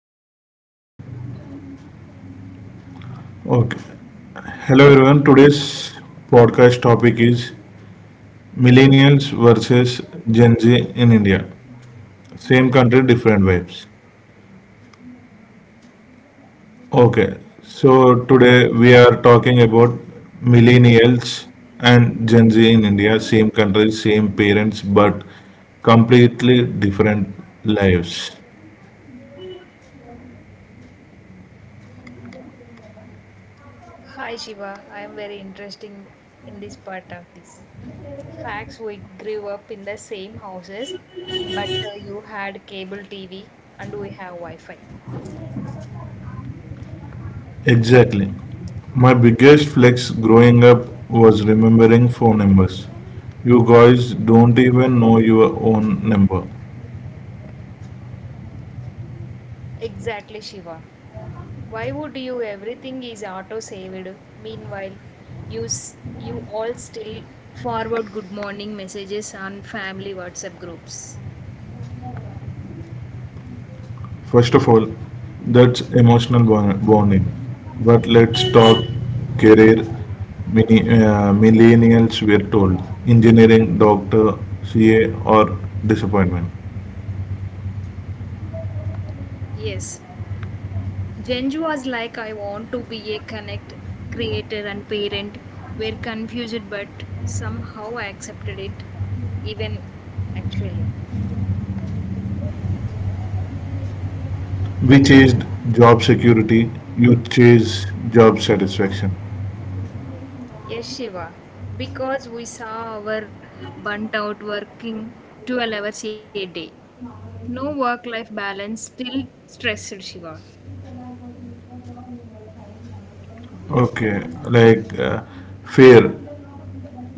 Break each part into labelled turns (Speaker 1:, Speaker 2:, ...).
Speaker 1: Hmm.
Speaker 2: Okay hello everyone today's podcast topic is millennials versus Gen Z in India same country different vibes okay so today we're talking about millennials and Gen Z in India same country same parents but completely different lives.
Speaker 1: Hi Shiva, I am very interesting in this part of this. Facts we grew up in the same houses, but you had cable TV and we have Wi-Fi.
Speaker 2: Exactly. My biggest flex growing up was remembering phone numbers. You guys don't even know your own number.
Speaker 1: Exactly, Shiva. Why would you everything is auto saved? Meanwhile, you all still forward good morning messages on family WhatsApp groups.
Speaker 2: First of all, that's emotional bonding. But let's talk career. Millennials were told engineering, doctor, CA, or disappointment.
Speaker 1: Yes, Genji was like, I want to be a connect, creator, and parent. We're confused, but somehow I accepted it, even actually.
Speaker 2: We chased job security, you chase job satisfaction.
Speaker 1: Yes, Shiva, because we saw our burnt out working 12 hours a day. No work life balance, still stressed, Shiva.
Speaker 2: Okay, like fear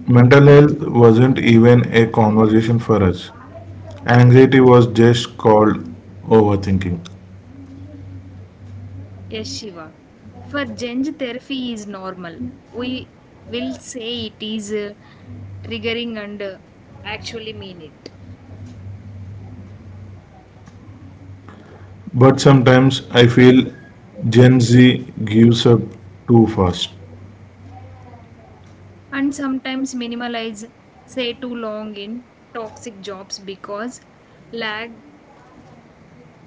Speaker 2: Mental health wasn't even a conversation for us. Anxiety was just called overthinking.
Speaker 1: Yes, Shiva. For Gen Z, therapy is normal. We will say it is triggering and actually mean it.
Speaker 2: But sometimes I feel Gen Z gives up too fast.
Speaker 1: And sometimes minimalize say too long in toxic jobs because lag,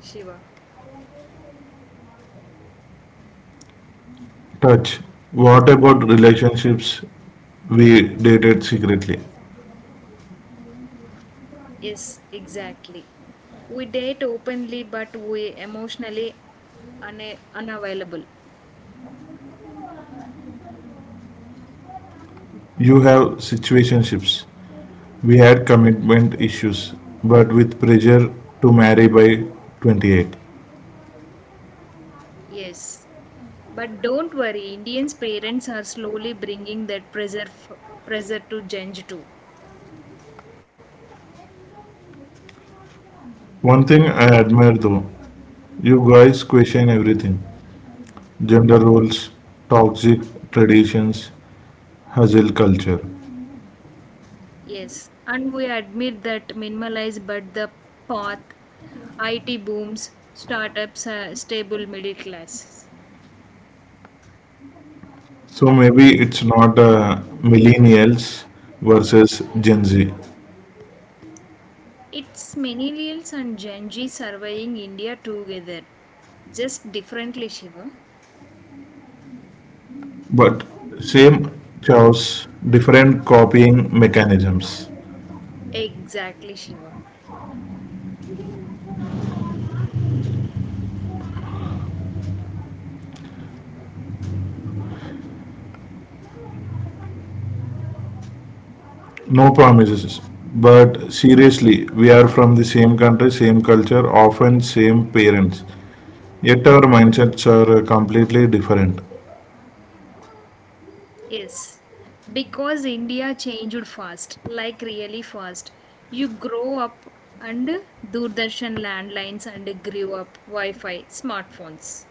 Speaker 1: Shiva.
Speaker 2: Touch. What about relationships we dated secretly?
Speaker 1: Yes, exactly, we date openly but we emotionally unavailable.
Speaker 2: You have situationships. We had commitment issues, but with pressure to marry by 28.
Speaker 1: Yes, but don't worry, indians parents are slowly bringing that pressure to change too.
Speaker 2: One thing I admire though, you guys question everything. Gender roles, toxic traditions, hustle culture.
Speaker 1: Yes, and we admit that minimalize but the path it booms startups, stable middle class.
Speaker 2: So maybe it's not millennials versus Gen Z,
Speaker 1: It's millennials and Gen Z surveying India together. Just differently, Shiva.
Speaker 2: but same chaos, different copying mechanisms.
Speaker 1: Exactly, Shiva.
Speaker 2: No promises, but seriously, we are from the same country, same culture, often same parents. Yet our mindsets are completely different.
Speaker 1: Yes. Because India changed fast, like really fast. You grow up and Doordarshan landlines and grew up Wi Fi, smartphones.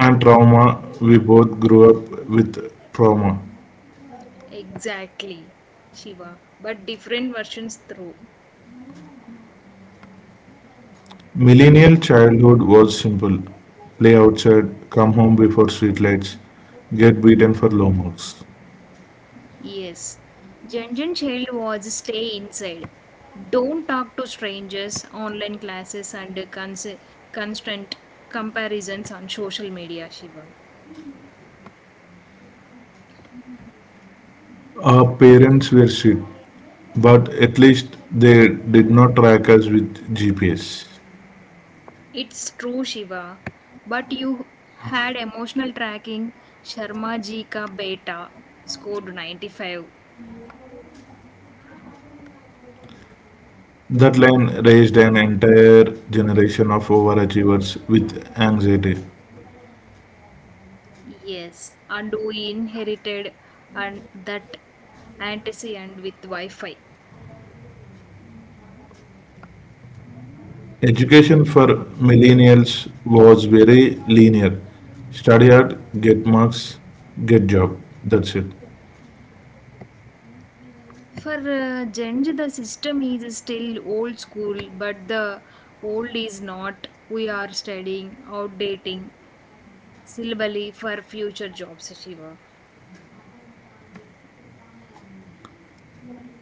Speaker 2: And trauma, we both grew up with trauma.
Speaker 1: Exactly, Shiva. But different versions through.
Speaker 2: Millennial childhood was simple. Play outside, come home before streetlights, get beaten for low marks.
Speaker 1: Yes, Junjun Child was stay inside. Don't talk to strangers, online classes, and constant comparisons on social media, Shiva.
Speaker 2: Our parents were strict, but at least they did not track us with GPS.
Speaker 1: It's true, Shiva, but you had emotional tracking. Sharma ji ka beta scored 95.
Speaker 2: That line raised an entire generation of overachievers with anxiety.
Speaker 1: Yes, and we inherited and that antecedent with Wi Fi.
Speaker 2: Education for millennials was very linear. Study hard, get marks, get job. That's it.
Speaker 1: For Gen Z, the system is still old school, but the old is not. We are studying, outdating, syllabally for future jobs, Shiva.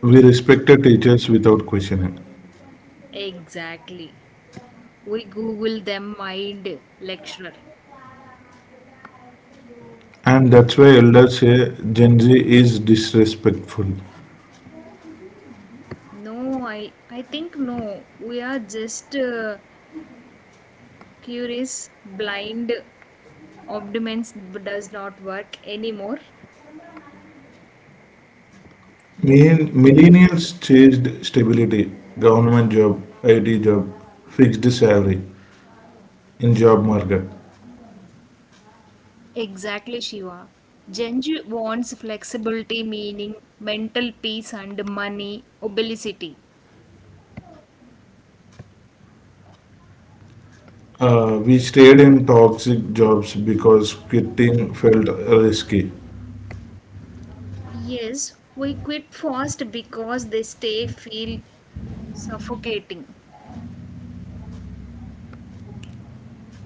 Speaker 2: We respected teachers without questioning.
Speaker 1: Exactly. We Google them mind lecturer.
Speaker 2: And that's why elders say Gen Z is disrespectful.
Speaker 1: No, I think no. We are just curious, blind, optimism does not work anymore.
Speaker 2: Mean millennials chased stability, government job, IT job, fixed salary in job market.
Speaker 1: Exactly, Shiva. Genji wants flexibility, meaning mental peace and money, obesity.
Speaker 2: We stayed in toxic jobs because quitting felt risky.
Speaker 1: Yes, we quit fast because they stay feel suffocating.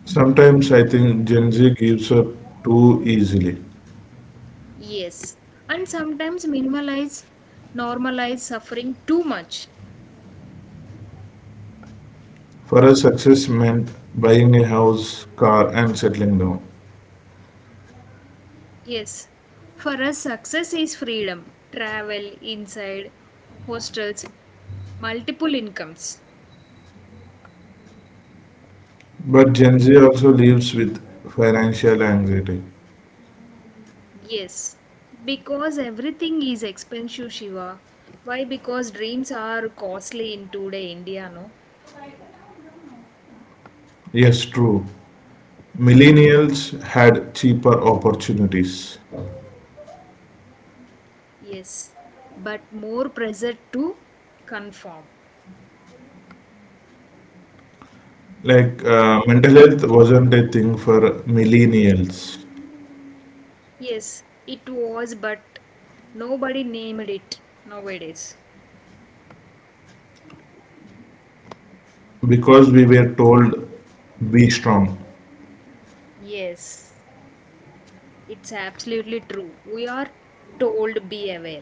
Speaker 2: Sometimes I think Gen Z gives up too easily.
Speaker 1: Yes, and sometimes minimalize, normalize suffering too much.
Speaker 2: For us, success meant buying a house, car, and settling down.
Speaker 1: Yes, for us, success is freedom, travel inside hostels, multiple incomes.
Speaker 2: But Gen Z also lives with financial anxiety.
Speaker 1: Yes, because everything is expensive, Shiva. Why? Because dreams are costly in today India, no?
Speaker 2: Yes, true. Millennials had cheaper opportunities.
Speaker 1: Yes, but more pressure to conform.
Speaker 2: Mental health wasn't a thing for millennials
Speaker 1: Yes, it was, but nobody named it nowadays.
Speaker 2: because we were told be strong.
Speaker 1: Yes, it's absolutely true. We are told be aware.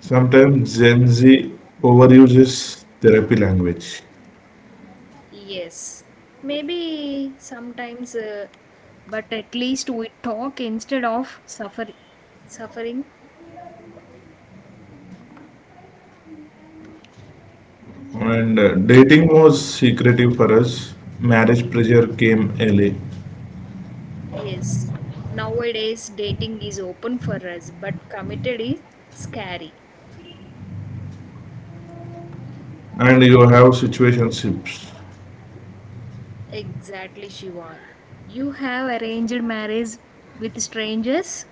Speaker 2: Sometimes Gen Z overuses therapy language.
Speaker 1: Yes, maybe sometimes, but at least we talk instead of suffering.
Speaker 2: And Dating was secretive for us. Marriage pressure came early.
Speaker 1: Yes, nowadays dating is open for us, but committed is scary.
Speaker 2: And you have situationships,
Speaker 1: Exactly, Shiva. You have arranged marriage with strangers?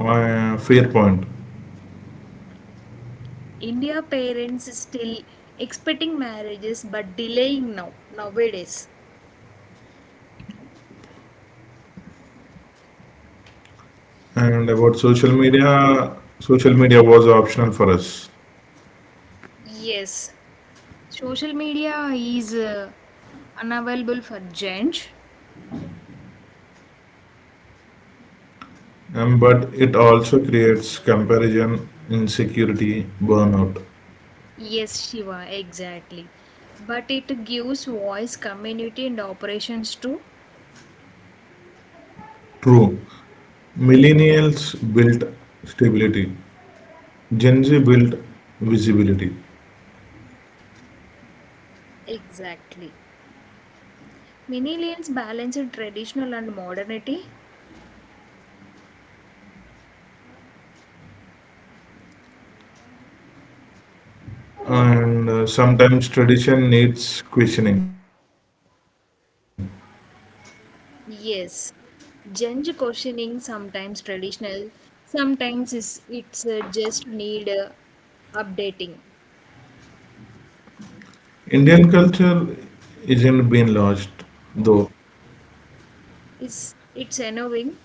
Speaker 2: fair point.
Speaker 1: India parents still expecting marriages but delaying now nowadays.
Speaker 2: And about social media was optional for us.
Speaker 1: Yes, social media is unavailable for change.
Speaker 2: But it also creates comparison, insecurity, burnout.
Speaker 1: Yes, Shiva, exactly. But it gives voice, community, and operations too.
Speaker 2: True. Millennials built stability, Gen Z built visibility,
Speaker 1: Exactly. Millennials balancing traditional and modernity?
Speaker 2: and sometimes tradition needs questioning.
Speaker 1: Yes. Gen Z questioning sometimes traditional, sometimes is it's just need updating.
Speaker 2: Indian culture isn't being lost, though.
Speaker 1: Is it's annoying?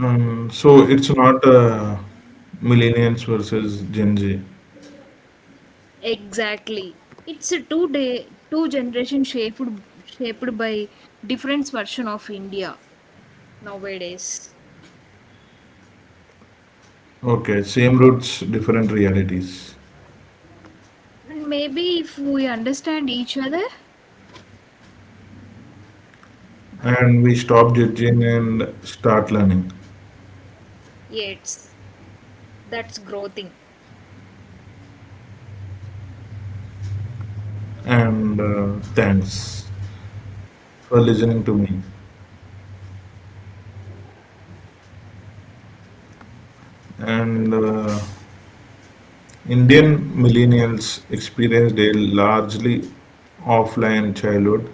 Speaker 2: So it's not millennials versus Gen Z.
Speaker 1: Exactly. It's a two day two generation shaped by different version of India nowadays.
Speaker 2: Okay, same roots, different realities.
Speaker 1: And maybe if we understand each other,
Speaker 2: And we stop judging and start learning.
Speaker 1: yes, that's growing.
Speaker 2: And Thanks for listening to me. And Indian millennials experienced a largely offline childhood,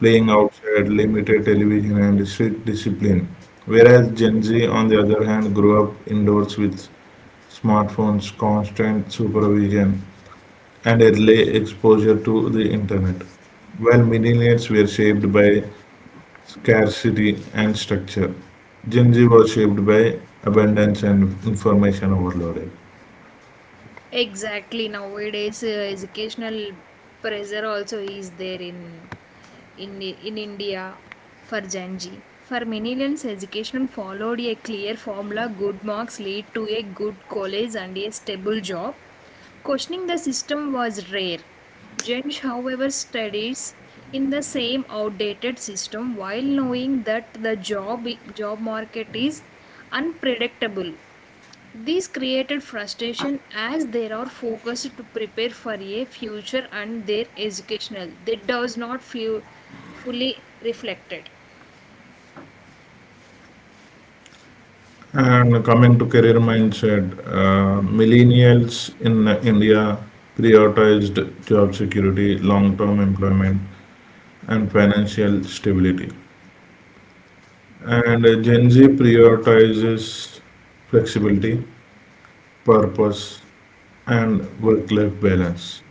Speaker 2: playing outside, limited television, and strict discipline. Whereas Gen Z, on the other hand, grew up indoors with smartphones, constant supervision, and early exposure to the internet while millennials were shaped by scarcity and structure. Gen Z was shaped by abundance and information overloaded.
Speaker 1: Exactly. Nowadays, educational pressure also is there in in India for Gen Z. For millennials, education followed a clear formula. Good marks lead to a good college and a stable job. Questioning the system was rare. Gen Z, however, studies in the same outdated system while knowing that the job market is unpredictable, these created frustration as they are focused to prepare for a future and their educational. That does not feel fully reflected.
Speaker 2: And coming to career mindset, millennials in India prioritized job security, long term employment, and financial stability. And Gen Z prioritizes flexibility, purpose, and work life balance.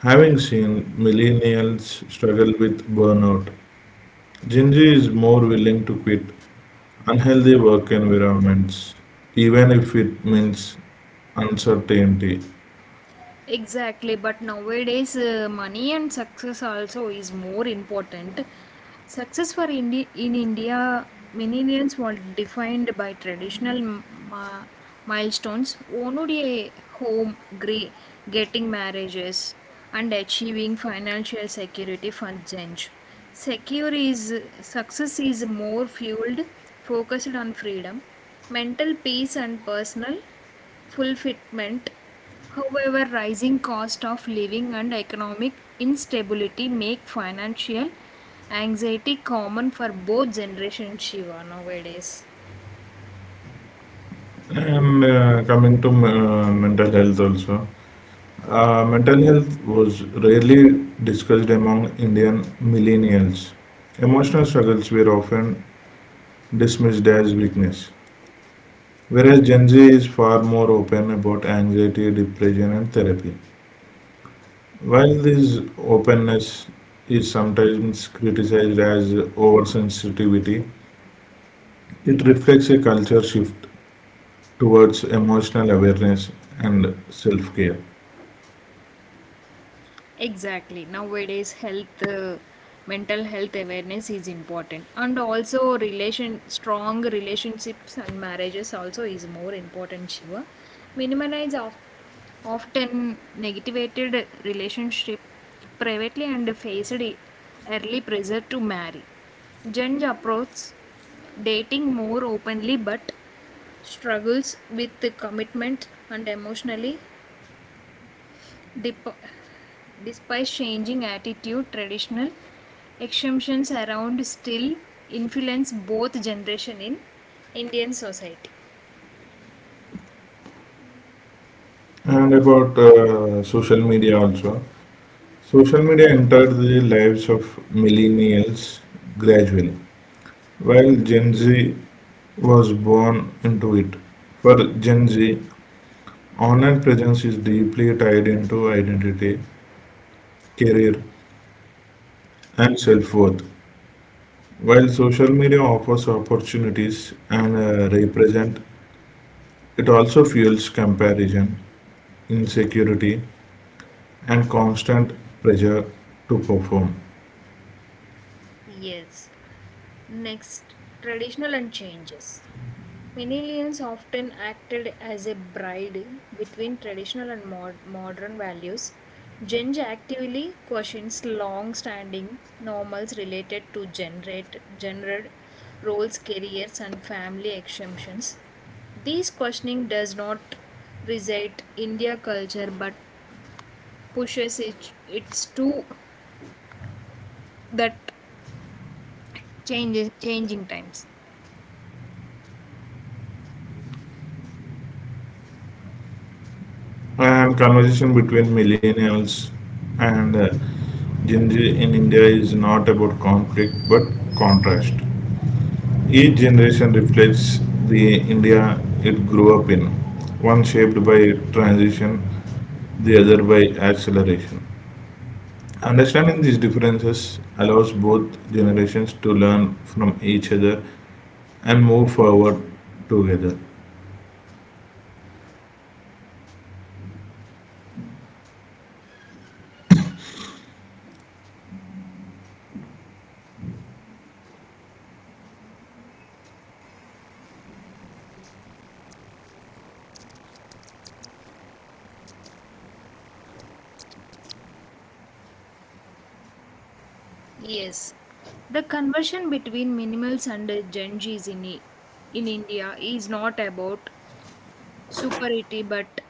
Speaker 2: Having seen millennials struggle with burnout, Gen Z is more willing to quit unhealthy work environments, even if it means uncertainty.
Speaker 1: Exactly, but nowadays money and success also is more important. Success for in India, millennials were defined by traditional ma- milestones, owning a home, getting marriages, and achieving financial security for Gen. Z. Secure is success is more fueled, focused on freedom, mental peace, and personal fulfillment. However, rising cost of living and economic instability make financial anxiety common for both generations, Shiva, nowadays.
Speaker 2: And coming to mental health also, mental health was rarely discussed among Indian millennials. Emotional struggles were often dismissed as weakness, whereas Gen Z is far more open about anxiety, depression, and therapy. While this openness is sometimes criticized as oversensitivity, it reflects a culture shift towards emotional awareness and self care.
Speaker 1: Exactly. Nowadays, health, mental health awareness is important, and also relation strong relationships and marriages also is more important. Shiva, minimize of, often negativated relationship privately and faced early pressure to marry. Judge approach dating more openly, but struggles with the commitment and emotionally dep- despite changing attitude, traditional exemptions around still influence both generation in Indian society.
Speaker 2: And about social media also. Social media entered the lives of millennials gradually, while Gen Z was born into it. For Gen Z, online presence is deeply tied into identity, career, and self worth. While social media offers opportunities and represent, it also fuels comparison, insecurity, and constant pressure to perform.
Speaker 1: Yes. Next, traditional and changes. Millennials often acted as a bride between traditional and modern values. Gen Z actively questions long-standing normals related to generate, gender roles, careers, and family exemptions. This questioning does not reside India culture, but pushes it, it's to that changes changing times.
Speaker 2: And conversation between millennials and Gen Z in India is not about conflict but contrast. Each generation reflects the India it grew up in, one shaped by transition, the other by acceleration. Understanding these differences allows both generations to learn from each other and move forward together.
Speaker 1: Yes, the conversion between minimals and Gen Zs in, in India is not about superiority but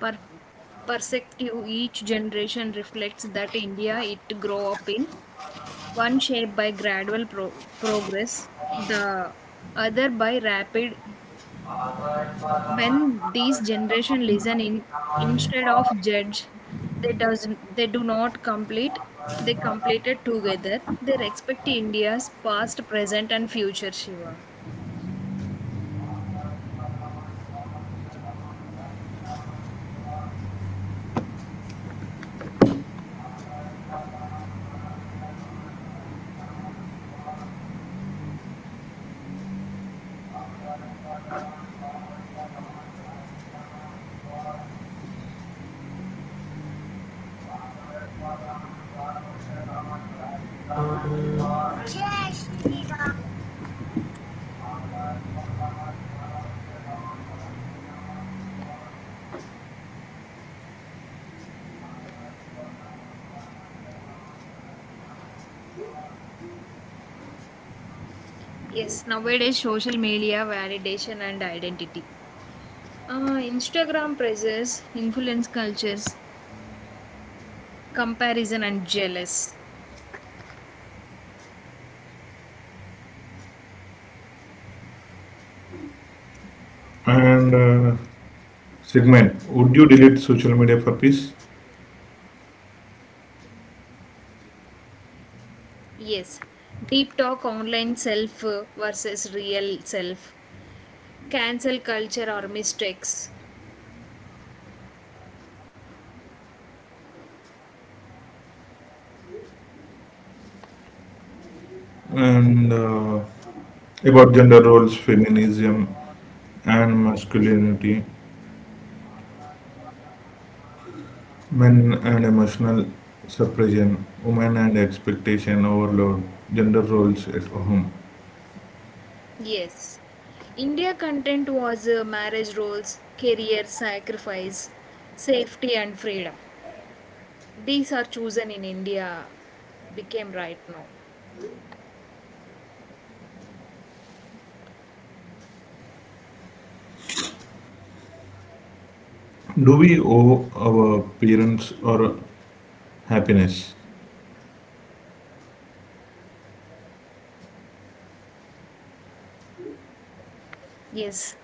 Speaker 1: per- perspective. Each generation reflects that India it grow up in, one shaped by gradual progress, the other by rapid when these generation listen in instead of judge, they does, they do not complete, they completed together, they respect india's past, present and future, Shiva. Yes, nowadays social media validation and identity, instagram praises influence cultures, comparison and jealous.
Speaker 2: And Sigmund, would you delete social media for peace?
Speaker 1: Yes, deep talk online self versus real self, cancel culture or mistakes.
Speaker 2: And About gender roles, feminism, and masculinity, men and emotional suppression, women and expectation overload, gender roles at home.
Speaker 1: Yes. India content was marriage roles, career sacrifice, safety and freedom. These are chosen in India became right now.
Speaker 2: Do we owe our parents our happiness?
Speaker 1: Yes.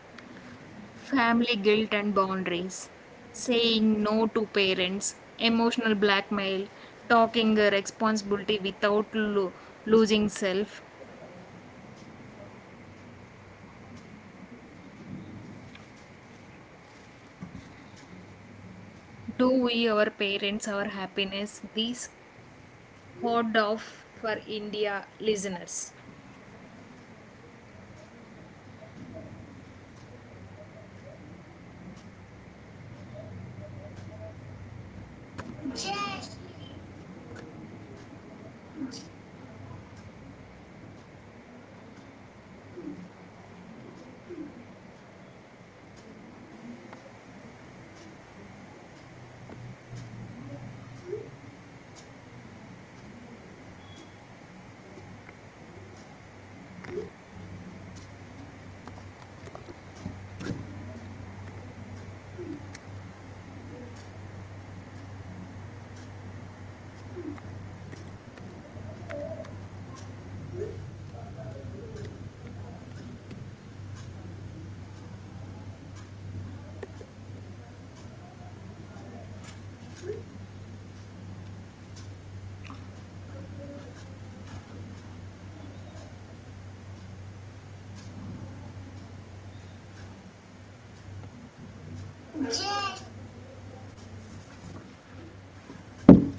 Speaker 1: Family guilt and boundaries, saying no to parents, emotional blackmail, talking responsibility without losing self. Do we our parents our happiness? These horde off for India listeners.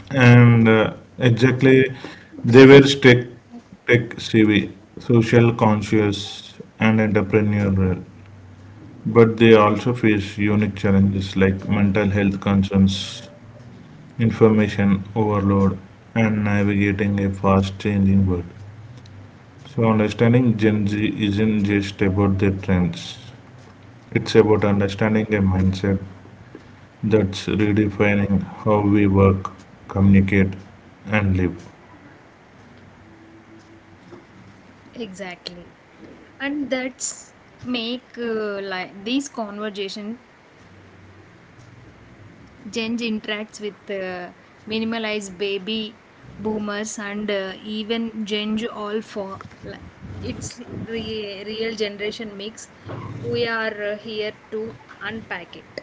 Speaker 2: And Exactly, they were tech savvy, social conscious, and entrepreneurial. But they also face unique challenges like mental health concerns, information overload, and navigating a fast changing world. So, understanding Gen Z isn't just about their trends, it's about understanding a mindset that's redefining how we work, communicate, and live.
Speaker 1: Exactly. And that's make like these conversation Gen Z interacts with minimalized baby boomers and even Gen Z all for like, it's real generation mix. We are here to unpack it.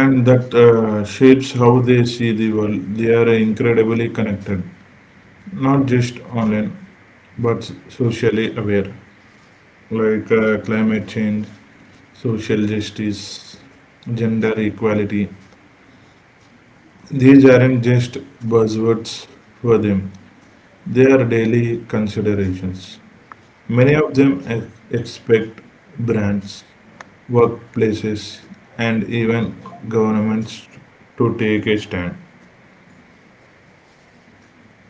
Speaker 2: And that shapes how they see the world. They are incredibly connected, not just online, but socially aware, like climate change, social justice, gender equality. These aren't just buzzwords for them, they are daily considerations. Many of them expect brands, workplaces, and even governments to take a stand.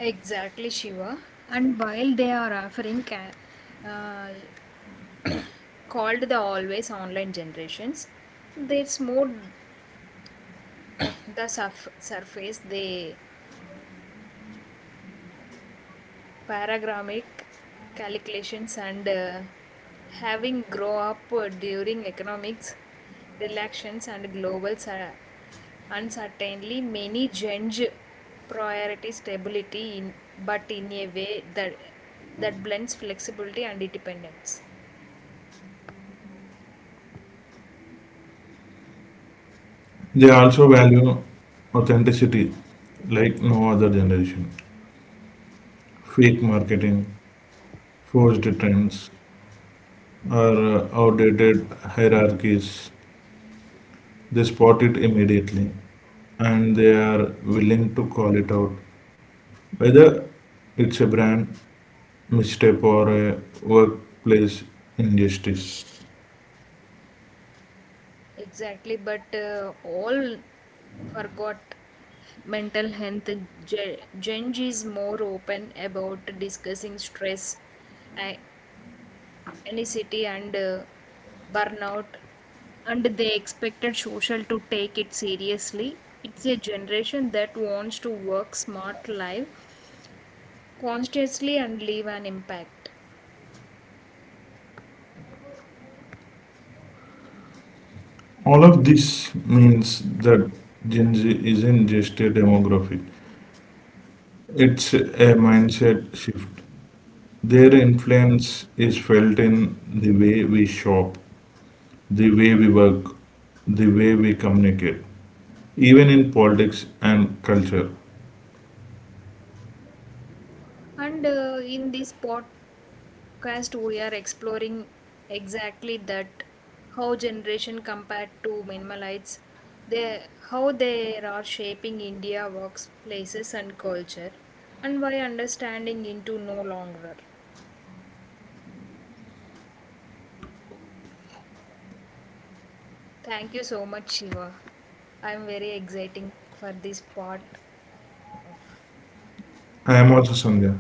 Speaker 1: Exactly, Shiva. And while they are offering uh, called the always online generations, there's more the surface the paragramic calculations and having grow up during economics relations and global uncertainty many change priority stability in, but in a way that blends flexibility and independence.
Speaker 2: They also value authenticity like no other generation. Fake marketing, forged trends, or outdated hierarchies, they spot it immediately and they are willing to call it out. Whether it's a brand misstep or a workplace injustice.
Speaker 1: Exactly, but all forgot mental health. Gen Z is more open about discussing stress, a- anxiety, and burnout, and they expected social to take it seriously. It's a generation that wants to work smart life consciously and leave an impact.
Speaker 2: All of this means that Gen Z isn't just a demographic, it's a mindset shift. Their influence is felt in the way we shop, the way we work, the way we communicate, even in politics and culture.
Speaker 1: And in this podcast we are exploring exactly that how generation compared to minimalites, they how they are shaping india workplaces and culture, and why understanding into no longer. Thank you so much, Shiva. I'm very exciting for this part.
Speaker 2: I am also Sandhya.